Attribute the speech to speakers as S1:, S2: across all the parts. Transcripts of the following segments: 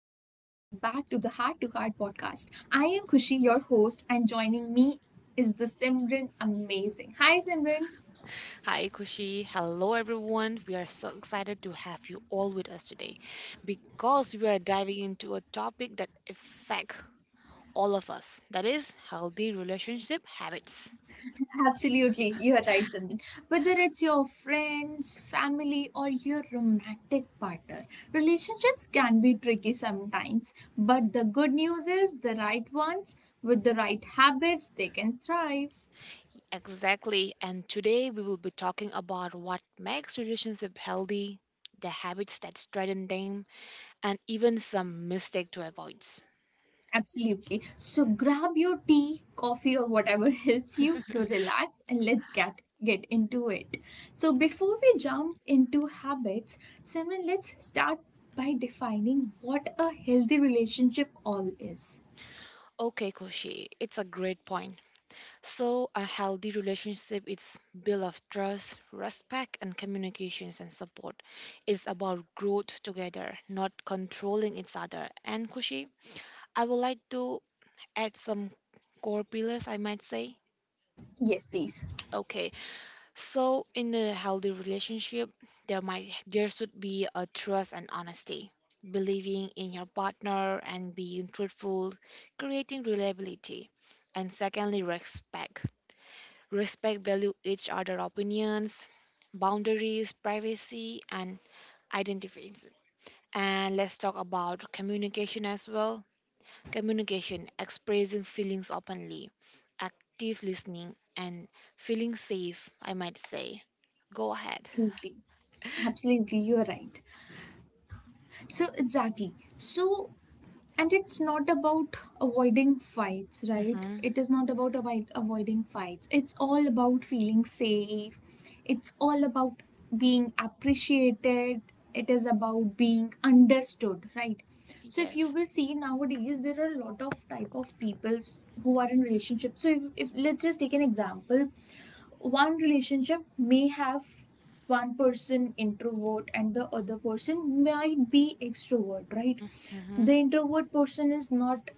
S1: the Heart to Heart podcast. I am Kushi, your host, and joining me is the Simran Amazing. Hi, Simran.
S2: Hi, Kushi. Hello, everyone. We are so excited to have you all with us today because we are diving into a topic that affects all of us that is, healthy relationship habits.
S1: Absolutely, you are right, Simran. Whether it's your friends, family, or your romantic partner, relationships can be tricky sometimes. But the good news is, the right ones with the right habits, they can thrive.
S2: Exactly. And today we will be talking about what makes relationship healthy, the habits that strengthen them, and even some mistake to avoid.
S1: Absolutely. So grab your tea, coffee, or whatever helps you to relax and let's get into it. So before we jump into habits, Simran, let's start by defining what a healthy relationship all is.
S2: Okay, Koshi, it's a great point. So, a healthy relationship is built of trust, respect, and communications and support. It's about growth together, not controlling each other. And Kushi, I would like to add some core pillars, I might say.
S1: Yes, please.
S2: Okay, so in a healthy relationship, there should be a trust and honesty, believing in your partner and being truthful, creating reliability, and secondly, respect. Respect value each other opinions, boundaries, privacy, and identities. And let's talk about communication as well. Communication, expressing feelings openly, active listening, and feeling safe, I might say. Go ahead.
S1: Absolutely. Absolutely, you are right. So exactly. So and it's not about avoiding fights, right?
S2: Mm-hmm.
S1: It is not about avoiding fights. It's all about feeling safe, it's all about being appreciated, it is about being understood, right? So if you
S2: Yes.
S1: will see nowadays there are a lot of type of peoples who are in relationships. So if let's just take an example, one relationship may have one person introvert and the other person might be extrovert, right?
S2: Mm-hmm.
S1: The introvert person is not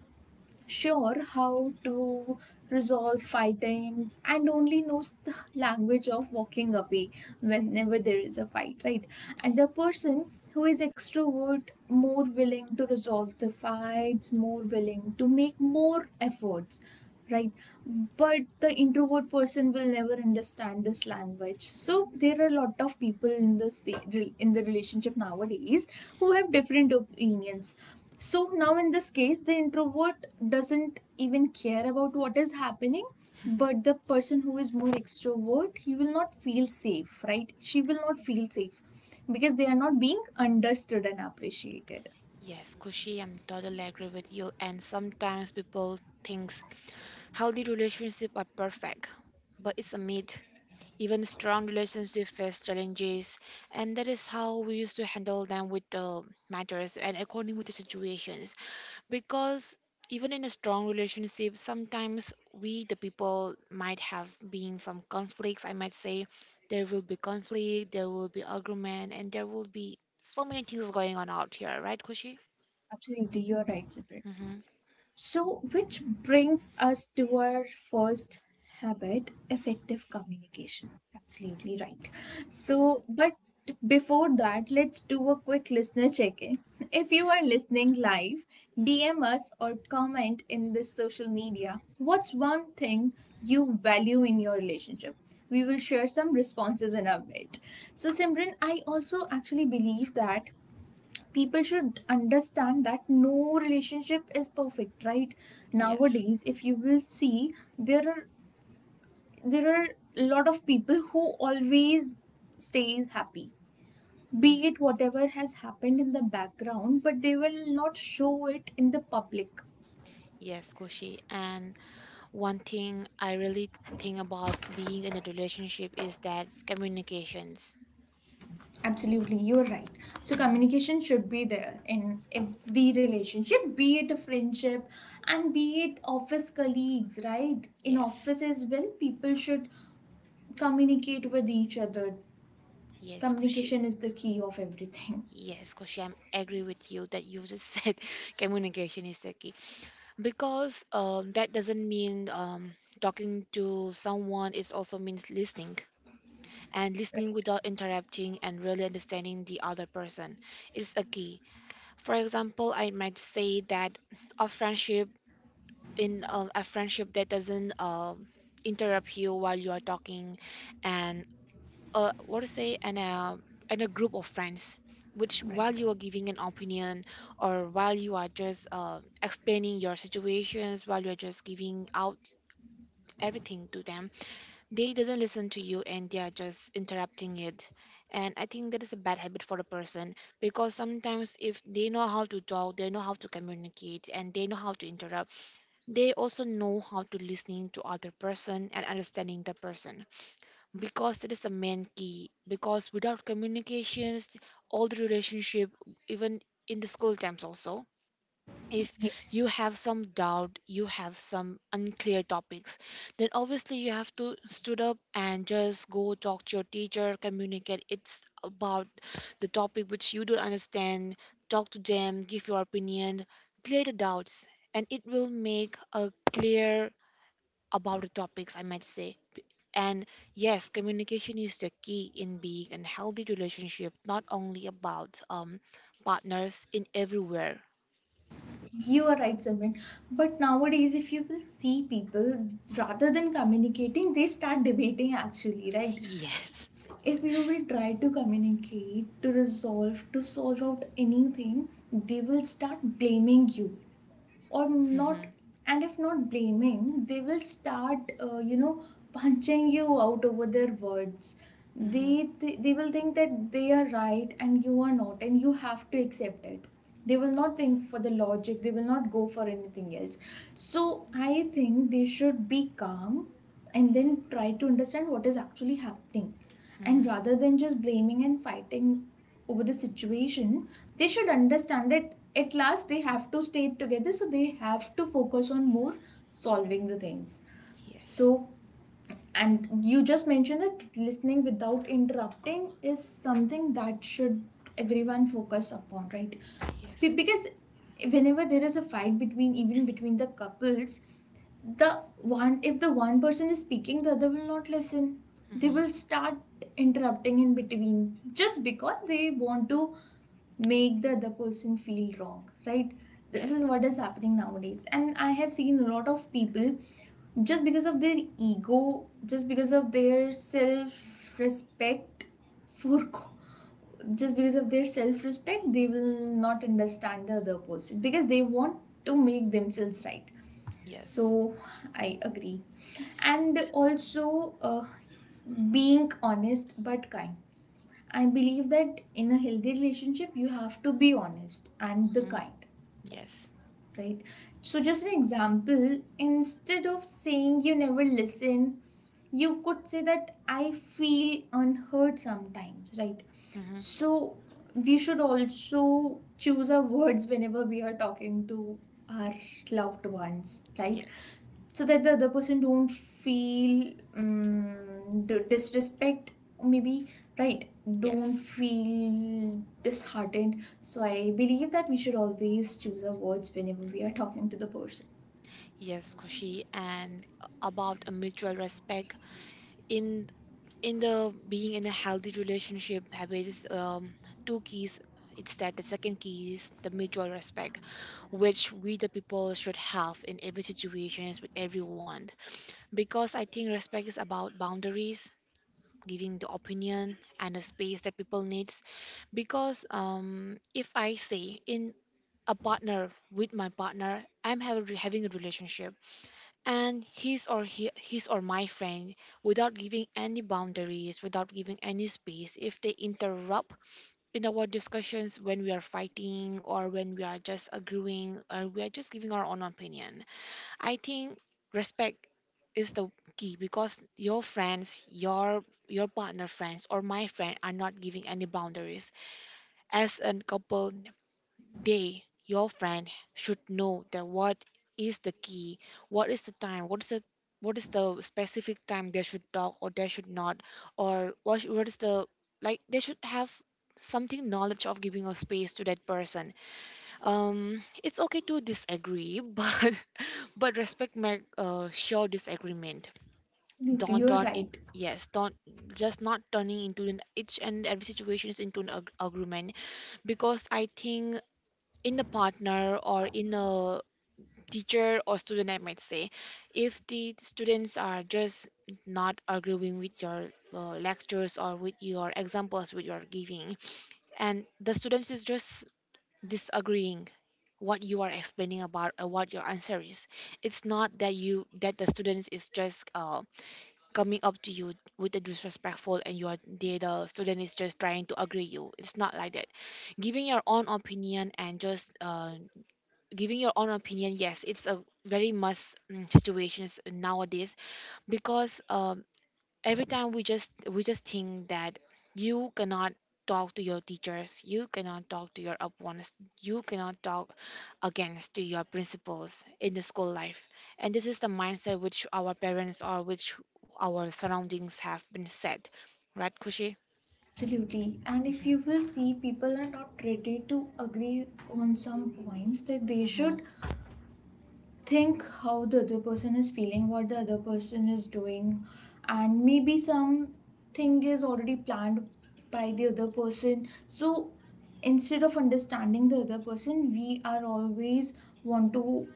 S1: sure how to resolve fightings and only knows the language of walking away whenever there is a fight, right? And the person who is extrovert more willing to resolve the fights, more willing to make more efforts, right? But the introvert person will never understand this language. So there are a lot of people in the in the relationship nowadays who have different opinions. So now in this case, the introvert doesn't even care about what is happening, but the person who is more extrovert, he will not feel safe, right? She will not feel safe because they are not being understood and appreciated.
S2: Yes, Kushi, I'm totally agree with you. And sometimes people thinks healthy relationship are perfect, but it's a myth. Even strong relationships face challenges, and that is how we used to handle them with the matters and according with the situations. Because even in a strong relationship, sometimes we, the people, might have been some conflicts. I might say there will be conflict, there will be argument, and there will be so many things going on out here, right, Kushi?
S1: Absolutely, you're right, Ziprit.
S2: Mm-hmm.
S1: So, which brings us to our first habit, effective communication. Absolutely right. So, but before that, let's do a quick listener check in. If you are listening live, DM us or comment in this social media, what's one thing you value in your relationship? We will share some responses in a bit. So, Simran, I also actually believe that people should understand that no relationship is perfect, right?
S2: Yes.
S1: Nowadays if you will see, there are a lot of people who always stays happy, be
S2: Mhm.
S1: it whatever has happened in the background, but they will not show it in the public.
S2: Yes, Koshi. And one thing I really think about being in a relationship is that communications.
S1: Absolutely, you're right. So
S2: Mhm.
S1: communication should be there in every relationship, be it a friendship and be it office colleagues, right? In
S2: Yes,
S1: office as well people should communicate with each other.
S2: yes, Kushi.
S1: Communication is the key of everything,
S2: Yes, Kushi, I am agree with you that you just said, communication is the key. Because that doesn't mean talking to someone, it also means listening. And listening
S1: right?
S2: without interrupting and really understanding the other person is a key. For example, I might say that a friendship in a friendship that doesn't interrupt you while you are talking and what to say and and a group of friends which
S1: Right.
S2: while you are giving an opinion or while you are just explaining your situations while you're just giving out everything to them, they doesn't listen to you and they are just interrupting it. And I think that is a bad habit for a person because sometimes if they know how to talk, they know how to communicate, and they know how to interrupt, they also know how to listening to other person and understanding the person, because it is the main key. Because without communications all the relationship, even in the school times also, if
S1: Yes,
S2: you have some doubt, you have some unclear topics, then obviously you have to stood up and just go talk to your teacher, communicate. It's about the topic which you don't understand. Talk to them, give your opinion, clear the doubts, and it will make a clear about the topics, I might say. And yes, communication is the key in being a healthy relationship, not only about partners, in everywhere.
S1: you are right, Simran. But nowadays, if you will see people, rather than communicating, they start debating actually, right?
S2: Yes.
S1: So if you will try to communicate, to resolve, to solve out anything, they will start blaming you, or not. And if not blaming, they will start you know, punching you out over their words.
S2: Mm-hmm.
S1: They will think that they are right and you are not, and you have to accept it. They will not
S2: Oh.
S1: think for the logic, they will not go for anything else. So I think they should be calm and then try to understand what is actually happening, and
S2: Mm.
S1: rather than just blaming and fighting over the situation, they should understand that at last they have to stay together, so they have to focus on more solving the things.
S2: Yes.
S1: So and you just mentioned that listening without interrupting is something that should everyone focus upon, right?
S2: Yes.
S1: Because whenever there is a fight, between even between the couples, the one, if the one person is speaking, the other will not listen. They
S2: Mm-hmm.
S1: will start interrupting in between, just because they want to make the other person feel wrong, right? This is
S2: Yes.
S1: what is happening nowadays. And I have seen a lot of people just because of their ego, just because of their self respect, for just because of their self respect, they will not understand the other person because they want to make themselves right.
S2: Yes.
S1: So I agree. And also, being honest but kind. I believe that in a healthy relationship, you have to be honest and the
S2: Mm-hmm.
S1: kind,
S2: Yes.
S1: right? So, just an example, instead of saying you never listen, you could say that I feel unheard sometimes, right?
S2: Mm-hmm.
S1: So, we should also choose our words whenever we are talking to our loved ones, right?
S2: Yes.
S1: So that the other person don't feel disrespect, or maybe, right, don't
S2: Yes.
S1: feel disheartened. So I believe that we should always choose our words whenever we are talking to the person.
S2: Yes, Kushi. And about a mutual respect in in the being in a healthy relationship, habits, two keys. It's that the second key is the mutual respect, which we the people should have in every situations with everyone. Because I think respect is about boundaries, giving the opinion and the space that people needs. Because if I say in a partner, with my partner having a relationship, and his or my friend without giving any boundaries, without giving any space, if they interrupt in our discussions when we are fighting or when we are just agreeing or we are just giving our own opinion, I think respect is the key, because your friends, your partner friends or my friend are not giving any boundaries. As a couple, they your friend should know that what is the key, what is the time, what is the specific time they should talk or they should not, or what is the, like they should have something knowledge of giving a space to that person. It's okay to disagree, but respect my disagreement.
S1: Absolutely,
S2: Don't
S1: you are
S2: turn in.
S1: right.
S2: Yes, don't just not turning into an each and every situation is into an agreement. Because I think in a partner or in a teacher or student, I might say, if the students are just not agreeing with your lectures or with your examples with your giving, and the students is just disagreeing what you are explaining about or what your answer is, it's not that you that the students is just coming up to you with a disrespectful, and you are the student is just trying to agree you, it's not like that. Giving your own opinion and just giving your own opinion, yes, it's a very must situations nowadays. Because every time we just think that you cannot talk to your teachers, you cannot talk to your opponents, you cannot talk against to your principals in the school life. And this is the mindset which our parents or which our surroundings have been set, right, Kushi?
S1: Absolutely. And if
S2: Mm-hmm.
S1: you will see, people are not ready to agree on some points that they
S2: Mm-hmm.
S1: should think how the other person is feeling, what the other person is doing, and maybe something is already planned by the other person. So instead of understanding the other person, we are always want to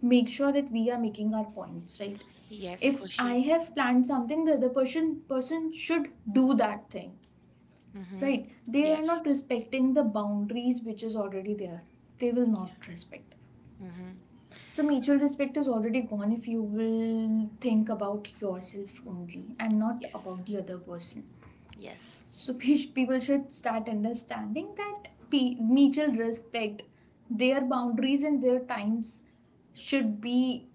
S1: make sure that we are making our points, right?
S2: Yes,
S1: If I
S2: Kushi.
S1: have planned something, the other person should do that thing.
S2: Mm-hmm.
S1: Right? They are
S2: Yes.
S1: not respecting the boundaries which is already there. They will not respect.
S2: Mm-hmm.
S1: So, mutual respect is already gone if you will think about yourself only and not
S2: Yes.
S1: about the other person.
S2: Yes.
S1: So, people should start understanding that mutual respect, their boundaries and their times should be,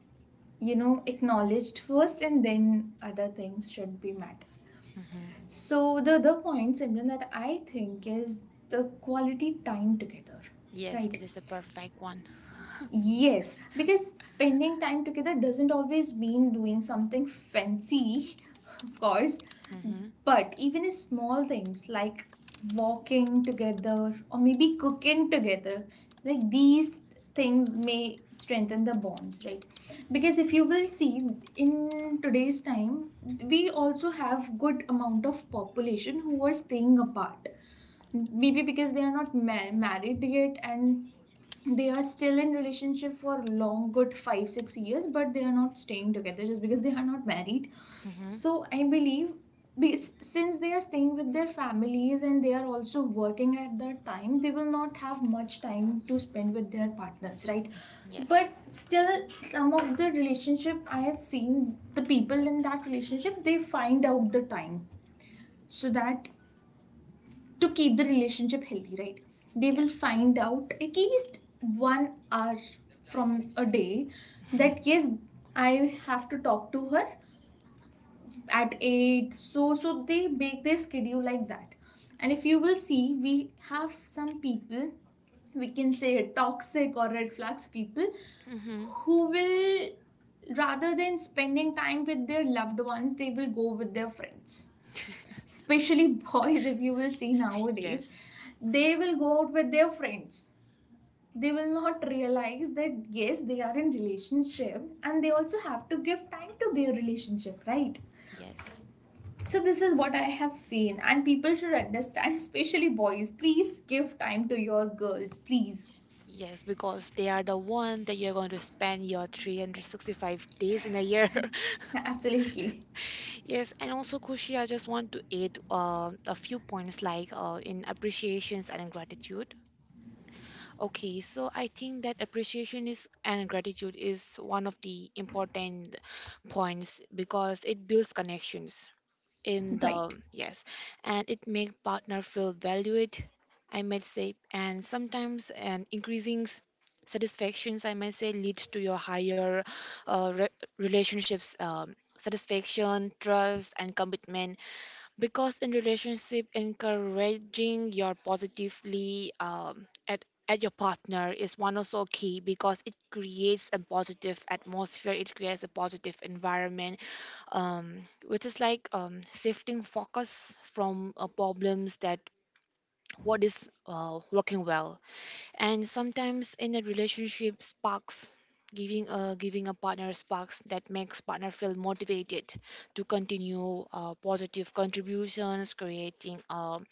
S1: you know, acknowledged first and then other things should be met.
S2: Mm-hmm.
S1: So, the other point, Simran, that I think is the quality time together,
S2: Yes, that
S1: right?
S2: is a perfect one.
S1: Yes, because spending time together doesn't always mean doing something fancy, of course,
S2: Mm-hmm.
S1: but even small things like walking together or maybe cooking together, like these things may strengthen the bonds, right? Because if you will see in today's time, we also have good amount of population who are staying apart, maybe because they are not married yet, and they are still in relationship for long good 5 6 years, but they are not staying together just because they are not married.
S2: Mm-hmm.
S1: So I believe, since they are staying with their families and they are also working at that time, they will not have much time to spend with their partners, right?
S2: Yes.
S1: But still, some of the relationship I have seen, the people in that relationship, they find out the time so that to keep the relationship healthy, right? They will
S2: Yes.
S1: find out at least 1 hour from a day that yes, I have to talk to her at eight. So they make their schedule like that. And if you will see, we have some people, we can say toxic or red flags people,
S2: Mm-hmm.
S1: who will, rather than spending time with their loved ones, they will go with their friends, especially boys, if you will see nowadays,
S2: Yes,
S1: they will go out with their friends. They will not realize that yes, they are in relationship and they also have to give time to their relationship, right?
S2: yes,
S1: So this is what I have seen, and people should understand especially boys, please give time to your girls, please.
S2: yes, because they are the one that you're going to spend your 365 days in a year.
S1: Absolutely.
S2: Yes, and also Kushi, I just want to add a few points like in appreciations and gratitude. Okay, so I think that appreciation is and gratitude is one of the important points because it builds connections in
S1: Right.
S2: the yes, and it make partner feel valued, I might say. And sometimes an increasing satisfactions, I might say, leads to your higher uh, re- relationships satisfaction, trust and commitment. Because in relationship encouraging your positively at your partner is one also key, because it creates a positive atmosphere, it creates a positive environment, which is like shifting focus from problems that what is working well. And sometimes in a relationship sparks, giving a partner sparks that makes partner feel motivated to continue positive contributions, creating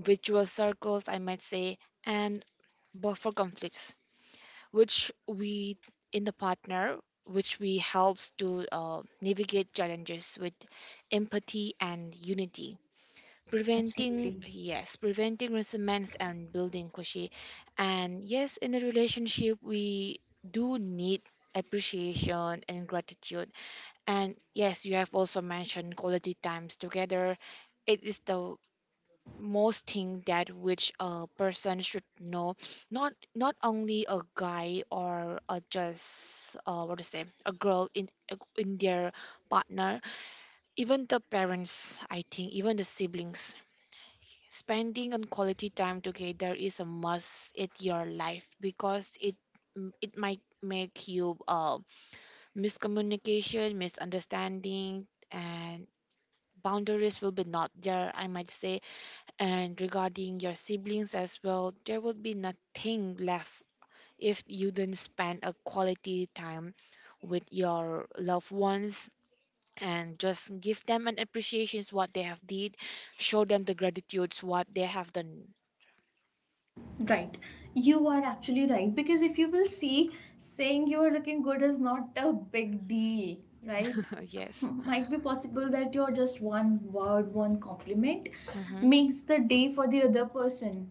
S2: virtual circles, I might say, and buffer conflicts, which we in the partner, which we helps to navigate challenges with empathy and unity, preventing
S1: Absolutely.
S2: yes, preventing resentments and building, Kushi. And yes, in a relationship we do need appreciation and gratitude. And yes, you have also mentioned quality times together. It is the most thing that which a person should know, not not only a guy or a just what to say a girl in their partner, even the parents, I think, even the siblings, spending on quality time together is a must in your life, because it might make you miscommunication, misunderstanding, and boundaries will be not there, I might say. And regarding your siblings as well, there would be nothing left if you didn't spend a quality time with your loved ones, and just give them an appreciation what they have did, show them the gratitudes what they have done.
S1: Right. You are actually right. Because if you will see, saying you are looking good is not a big deal, right?
S2: Yes.
S1: Might be possible that your just one word, one compliment
S2: Mm-hmm.
S1: makes the day for the other person.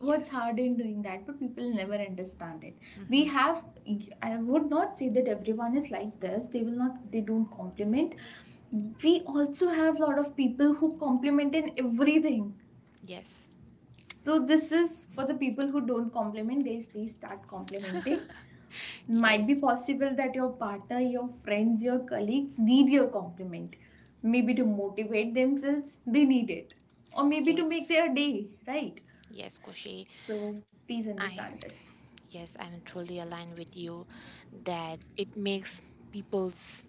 S1: What's hard in doing that? But people never understand it. We
S2: Mm-hmm.
S1: have, I would not say that everyone is like this. They will not, they don't compliment. We also have a lot of people who compliment in everything.
S2: Yes.
S1: So this is for the people who don't compliment, guys. Please start complimenting. Might be
S2: Yes.
S1: possible that your partner, your friends, your colleagues need your compliment. Maybe to motivate themselves, they need it, or maybe to make
S2: Yes.
S1: their day, right?
S2: Yes, Koshi.
S1: So please
S2: I
S1: understand this.
S2: Yes, I'm truly aligned with you that it makes people's,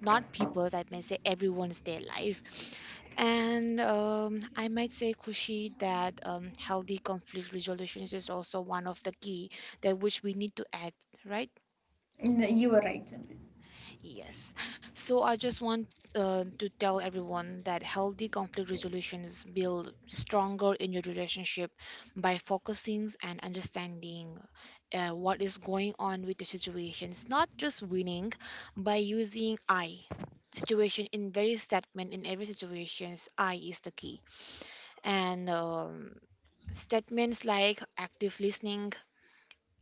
S2: not people, I may say everyone's their life. And I might say, Kushi, that healthy conflict resolution is also one of the key that which we need to act, right?
S1: You are right, Simran.
S2: Yes. So I just want to tell everyone that healthy conflict resolutions build stronger in your relationship by focusing and understanding what is going on with the situation. It's not just winning by using I. Situation in very statement in every situations, I is the key. And statements like active listening,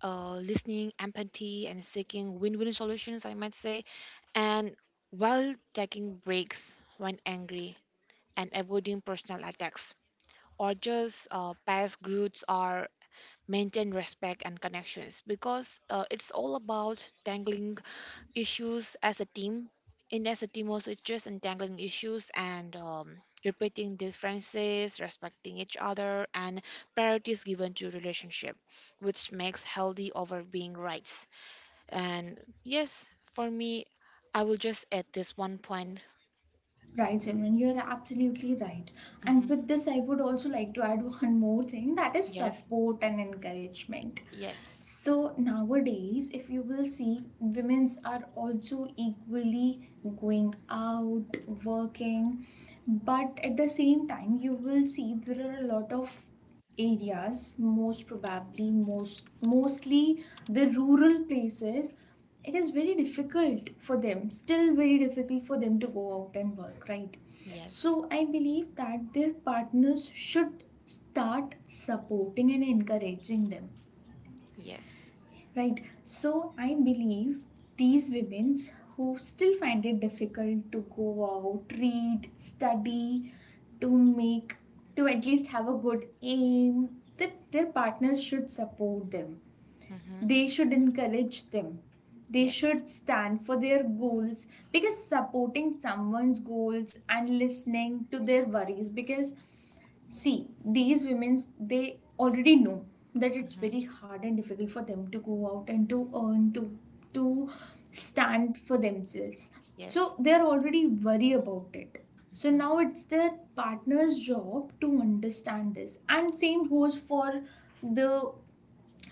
S2: listening, empathy, and seeking win-win solutions, I might say, and while taking breaks when angry and avoiding personal attacks or just past growths, or maintain respect and connections, because it's all about tangling issues as a team, in as a team also it's just untangling issues, and repeating differences, respecting each other, and priorities given to relationship which makes healthy over being rights. And yes, for me, I will just add this one point.
S1: Right, Simran, you are absolutely right. And
S2: Hmm.
S1: with this, I would also like to add one more thing, that is
S2: Yes.
S1: support and encouragement.
S2: Yes.
S1: So nowadays, if you will see, women's are also equally going out, working, but at the same time, you will see there are a lot of areas, most probably mostly the rural places, it is very difficult for them, still very difficult for them to go out and work, right?
S2: Yes.
S1: So I believe that their partners should start supporting and encouraging them.
S2: Yes.
S1: Right. So I believe these women who still find it difficult to go out, read, study, to make, to at least have a good aim, the, their partners should support them.
S2: Hmm.
S1: They should encourage them. They
S2: Yes.
S1: should stand for their goals, because supporting someone's goals and listening to their worries, because, see, these women, they already know that it's
S2: Hmm.
S1: very hard and difficult for them to go out and to earn, to stand for themselves.
S2: Yes.
S1: So they're already worried about it. So
S2: Hmm.
S1: now it's their partner's job to understand this. And same goes for the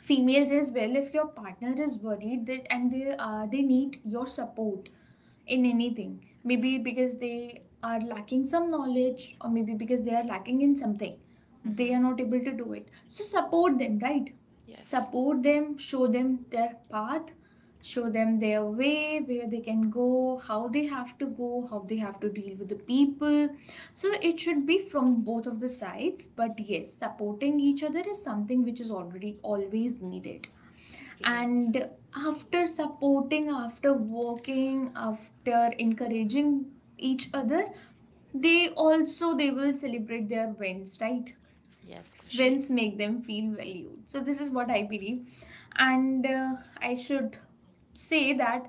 S1: females as well. If your partner is worried that and they need your support in anything, maybe because they are lacking some knowledge or maybe because they are lacking in something, they
S2: Hmm.
S1: are not able to do it, so support them, right?
S2: Yes,
S1: Support them, show them their path, show them their way, where they can go, how they have to go, how they have to deal with the people. So it should be from both of the sides, but yes, supporting each other is something which is already always needed.
S2: yes,
S1: And after supporting, after working, after encouraging each other, they also they will celebrate their wins, right?
S2: yes, Koshi.
S1: Wins make them feel valued. So this is what I believe. And I should say that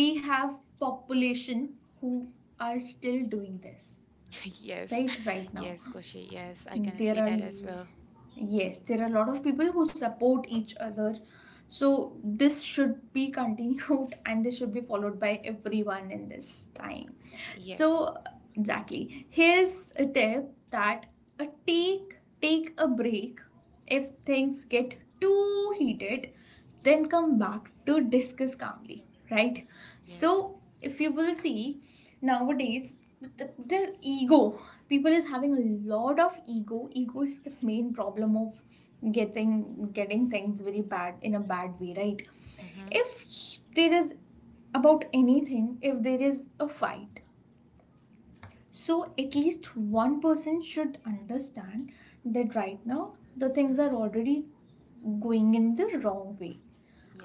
S1: we have population who are still doing this
S2: Yes,
S1: right right now.
S2: yes, Koshi. Yes, I can
S1: There
S2: say
S1: are,
S2: that as well.
S1: yes, there are a lot of people who support each other, so this should be continued, and this should be followed by everyone in this time.
S2: Yes,
S1: So exactly, here's a tip that uh, take take a break if things get too heated, then come back to discuss calmly, right?
S2: yes.
S1: So, if you will see nowadays, the ego, people is having a lot of ego. Ego is the main problem of getting things very bad in a bad way, right?
S2: Mm-hmm.
S1: If there is about anything, if there is a fight, so at least one person should understand that right now the things are
S2: Mm-hmm.
S1: already going in the wrong way.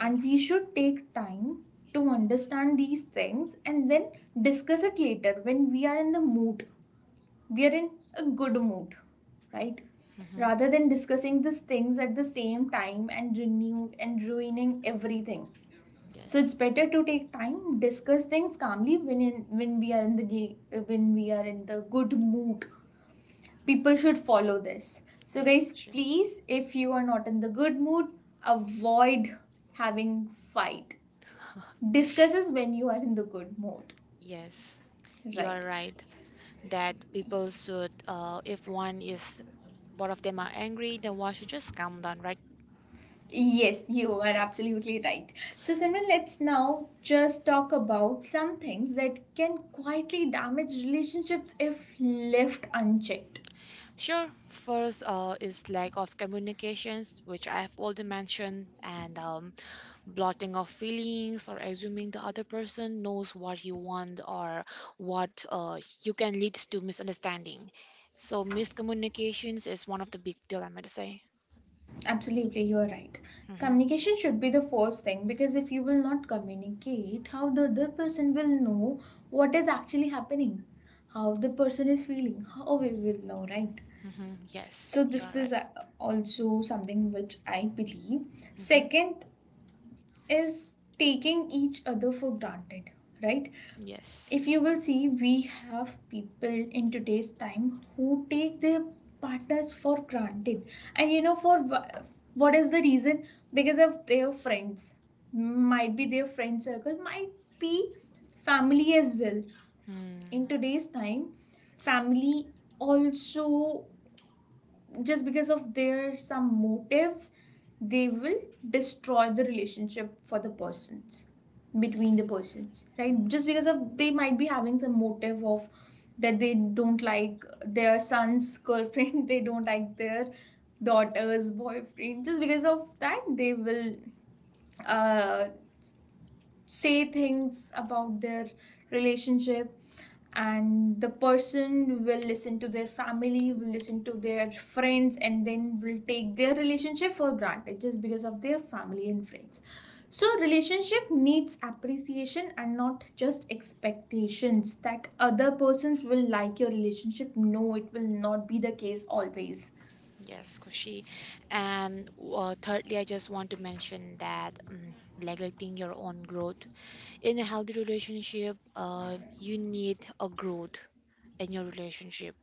S1: And we should take time to understand these things and then discuss it later when we are in the mood. We are in a good mood, right?
S2: Mm-hmm.
S1: Rather than discussing these things at the same time and renew and ruining everything. So it's
S2: Yes.
S1: better to take time, discuss things calmly when we are in the when we are in the good mood. People should follow this. So
S2: Yes,
S1: guys,
S2: Koshi.
S1: please, if you are not in the good mood, avoid having fight. Discuss is when you are in the good mood.
S2: Yes, you're
S1: Right.
S2: right that people should, if one is, both of them are angry, then one should just calm down, right?
S1: Yes, you are
S2: Yes.
S1: absolutely right. So Simran, let's now just talk about some things that can quietly damage relationships if left unchecked.
S2: Sure. First, is lack of communications, which I have already mentioned, and blotting of feelings or assuming the other person knows what you want or what you can leads to misunderstanding. So miscommunications is one of the big deal, I might say.
S1: Absolutely, you are right.
S2: hmm
S1: Communication should be the first thing, because if you will not communicate, how the other person will know what is actually happening, how the person is feeling, how we will know, right?
S2: yes,
S1: So,
S2: you are
S1: this is
S2: right.
S1: also something which I believe.
S2: hmm
S1: Second is taking each other for granted, right?
S2: yes.
S1: If you will see, we have people in today's time who take their partners for granted. And you know, for what is the reason? Because of their friends, might be their friend circle, might be family as well. In
S2: Hmm.
S1: today's time, family also, just because of their some motives, they will destroy the relationship for the persons, between
S2: Yes.
S1: the persons, right?
S2: Mm.
S1: Just because of, they might be having some motive of that, they don't like their son's girlfriend, they don't like their daughter's boyfriend. Just because of that, they will uh say things about their relationship, and the person will listen to their family, will listen to their friends, and then will take their relationship for granted just because of their family and friends. So relationship needs appreciation and not just expectations that other persons will like your relationship. No, it will not be the case always.
S2: Yes, Kushi. And thirdly, I just want to mention that neglecting your own growth. In a healthy relationship, you need a growth in your relationship,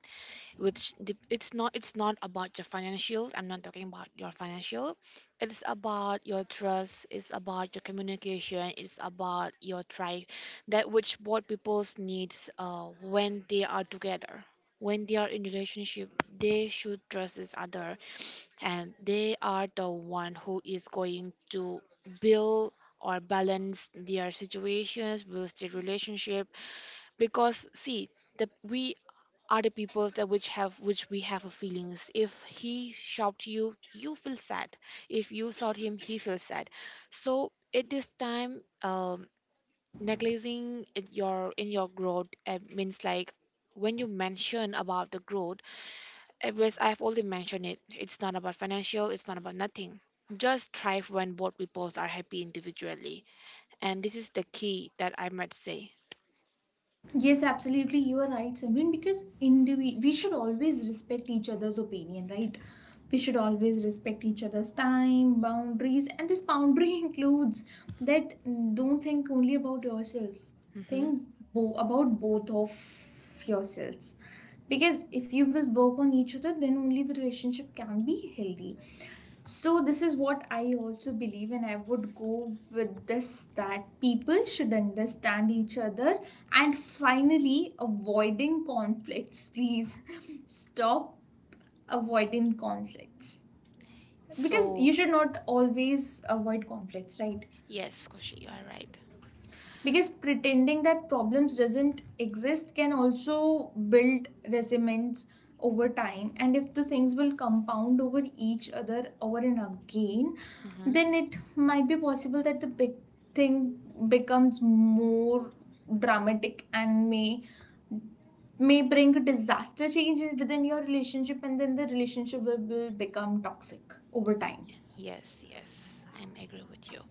S2: it's not about your financials. I'm not talking about your financial. It's about your trust, it's about your communication, it's about your tribe, that which both people's needs when they are together, when they are in relationship, they should trust each other, and they are the one who is going to build or balance their situations, will their relationship. Because see, the we other peoples that which have, which we have a feelings, if he shocked you, you feel sad. If you shout him, he feels sad. So at this time, neglecting in your growth, means like, when you mention about the growth, as I've already mentioned, it, it's not about financial, it's not about nothing. Just thrive when both peoples are happy individually, and this is the key that I might say.
S1: Yes, absolutely. You are right, Simran, because we should always respect each other's opinion, right? We should always respect each other's time, boundaries, and this boundary includes that, don't think only about yourself,
S2: hmm
S1: think about both of yourselves, because if you will work on each other, then only the relationship can be healthy. So this is what I also believe, and I would go with this, that people should understand each other. And finally, avoiding conflicts, please, stop avoiding conflicts, because
S2: so
S1: you should not always avoid conflicts, right?
S2: yes, Koshi, you are right.
S1: Because pretending that problems doesn't exist can also build resentments over time, and if the things will compound over each other over and again, then it might be possible that the big thing becomes more dramatic and may bring a disaster change within your relationship, and then the relationship will become toxic over time.
S2: Yes, yes, I am agree with you.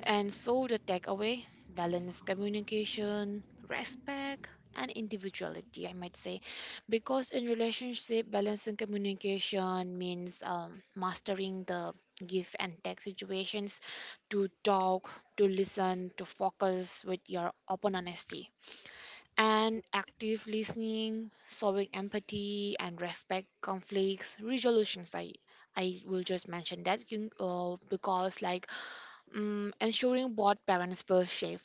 S2: And so the takeaway, balance communication, respect, and individuality, I might say, because in relationship, balancing communication means mastering the give and take situations, to talk, to listen, to focus with your open honesty and active listening, showing empathy and respect conflicts resolutions. I will just mention that because like, ensuring both parents feel safe,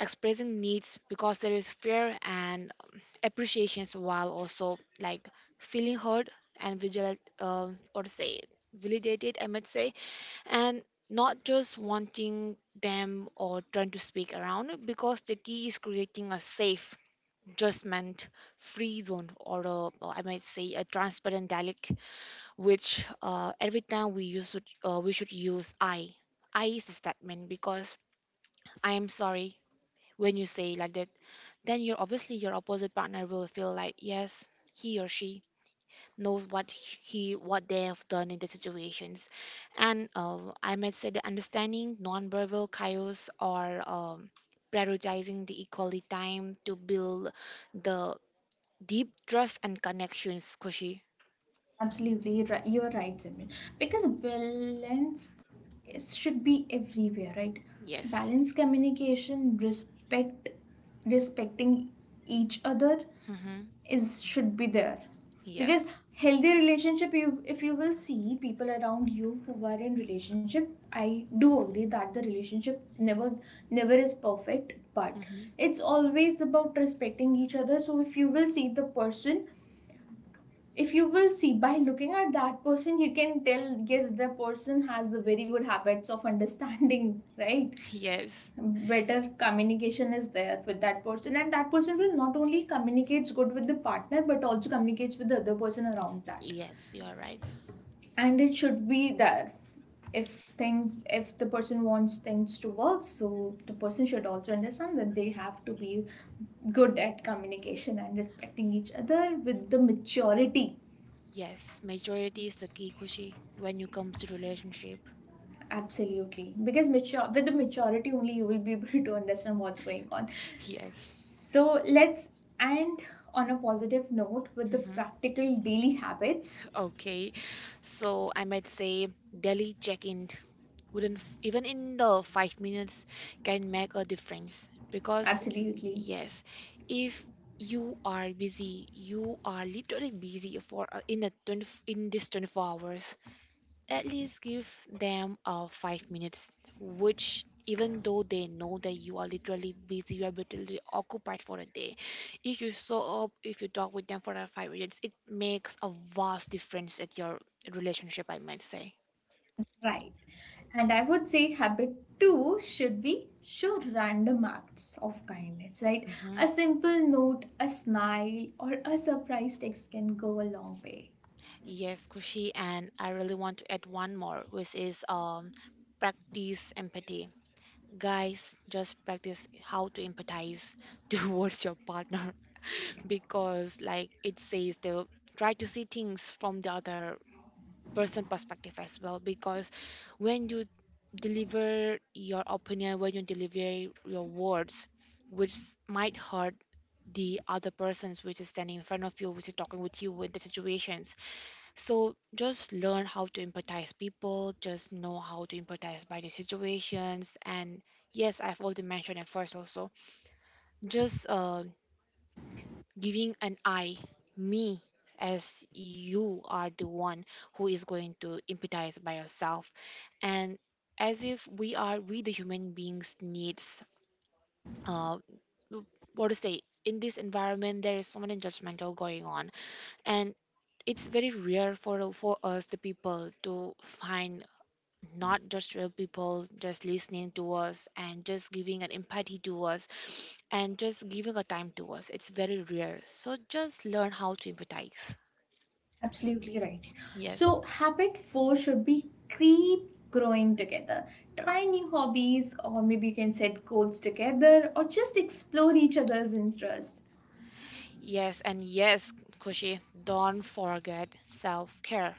S2: expressing needs because there is fear and appreciations, while also like feeling heard and vigilant, or say validated, I might say, and not just wanting them or trying to speak around, because the key is creating a safe just meant free zone, or I might say a transparent dialect, which every time we use it, we should use I. I is the statement, because I am sorry when you say like that. Then you're obviously your opposite partner will feel like, yes, he or she knows what they have done in the situations, and I might say the understanding nonverbal chaos or prioritizing the equality time to build the deep trust and connections, Koshi.
S1: Absolutely, you are right, Simran. Because balance should be everywhere, right?
S2: Yes.
S1: Balance communication, respect, respecting each other
S2: Mm-hmm.
S1: is should be there.
S2: Yes.
S1: Because healthy relationship, you, if you will see people around you who are in relationship, I do agree that the relationship never never is perfect, but
S2: Mm-hmm.
S1: it's always about respecting each other. So if you will see the person, if you will see, by looking at that person, you can tell, yes, the person has a very good habits of understanding. Right,
S2: Yes.
S1: better communication is there with that person, and that person will not only communicates good with the partner, but also communicates with the other person around that.
S2: Yes, you are right.
S1: And it should be there. If things, if the person wants things to work, so the person should also understand that they have to be good at communication and respecting each other with the maturity.
S2: Yes, majority is the key, Kushi, when it comes to relationship.
S1: Absolutely. Because mature, with the maturity only, you will be able to understand what's going on.
S2: Yes.
S1: So let's end on a positive note with the
S2: Hmm.
S1: practical daily habits.
S2: Okay. So I might say daily check-in wouldn't f- even in the 5 minutes can make a difference, because
S1: Absolutely.
S2: yes, if you are busy, you are literally busy for in the 20, in this 24 hours, at least give them 5 minutes, which even though they know that you are literally busy, you are literally occupied for a day. If you show up, if you talk with them for 5 minutes, it makes a vast difference at your relationship, I might say.
S1: Right. And I would say habit two should be show random acts of kindness, right?
S2: Hmm.
S1: A simple note, a smile, or a surprise text can go a long way.
S2: Yes, Kushi, and I really want to add one more, which is practice empathy. Guys, just practice how to empathize towards your partner because like it says, to try to see things from the other person perspective as well, because when you deliver your opinion, when you deliver your words, which might hurt the other persons, which is standing in front of you, which is talking with you in the situation. So just learn how to empathize people, just know how to empathize by the situations. And yes, I've already mentioned at first also, just giving an I, me, as you are the one who is going to empathize by yourself. And as if we are, we the human beings needs, uh, what to say, in this environment, there is so many judgmental going on. And it's very rare for us the people to find, not just real people, just listening to us and just giving an empathy to us and just giving a time to us. It's very rare. So just learn how to empathize.
S1: Absolutely right.
S2: Yes.
S1: So, habit four should be keep growing together. Try new hobbies, or maybe you can set goals together, or just explore each other's interests.
S2: Yes, and yes, Kushi, don't forget self care.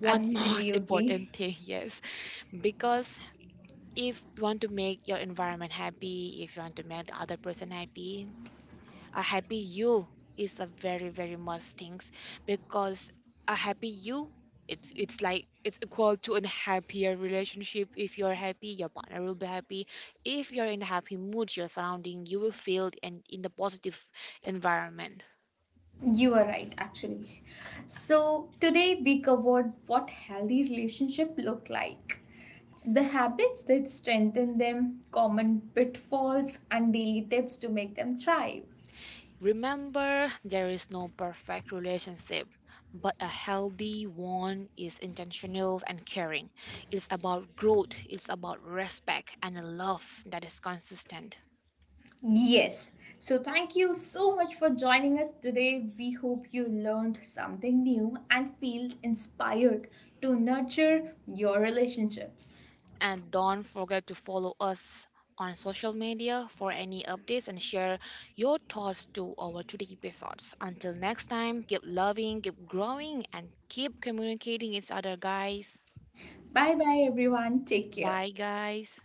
S2: One most
S1: Absolutely.
S2: important thing, yes. Because if you want to make your environment happy, if you want to make the other person happy, a happy you is a very very must things, because a happy you, it's like it's equal to a happier relationship. If you're happy, your partner will be happy. If you're in a happy mood, your surrounding you will feel and in the positive environment.
S1: You are right, actually. So, today we covered what healthy relationship look like. The habits that strengthen them, common pitfalls, and daily tips to make them thrive.
S2: Remember, there is no perfect relationship, but a healthy one is intentional and caring. It's about growth, it's about respect, and a love that is consistent.
S1: Yes. So, thank you so much for joining us today. We hope you learned something new and feel inspired to nurture your relationships.
S2: And don't forget to follow us on social media for any updates and share your thoughts to our today episodes. Until next time, keep loving, keep growing, and keep communicating each other, guys.
S1: Bye bye, everyone. Take care.
S2: Bye, guys.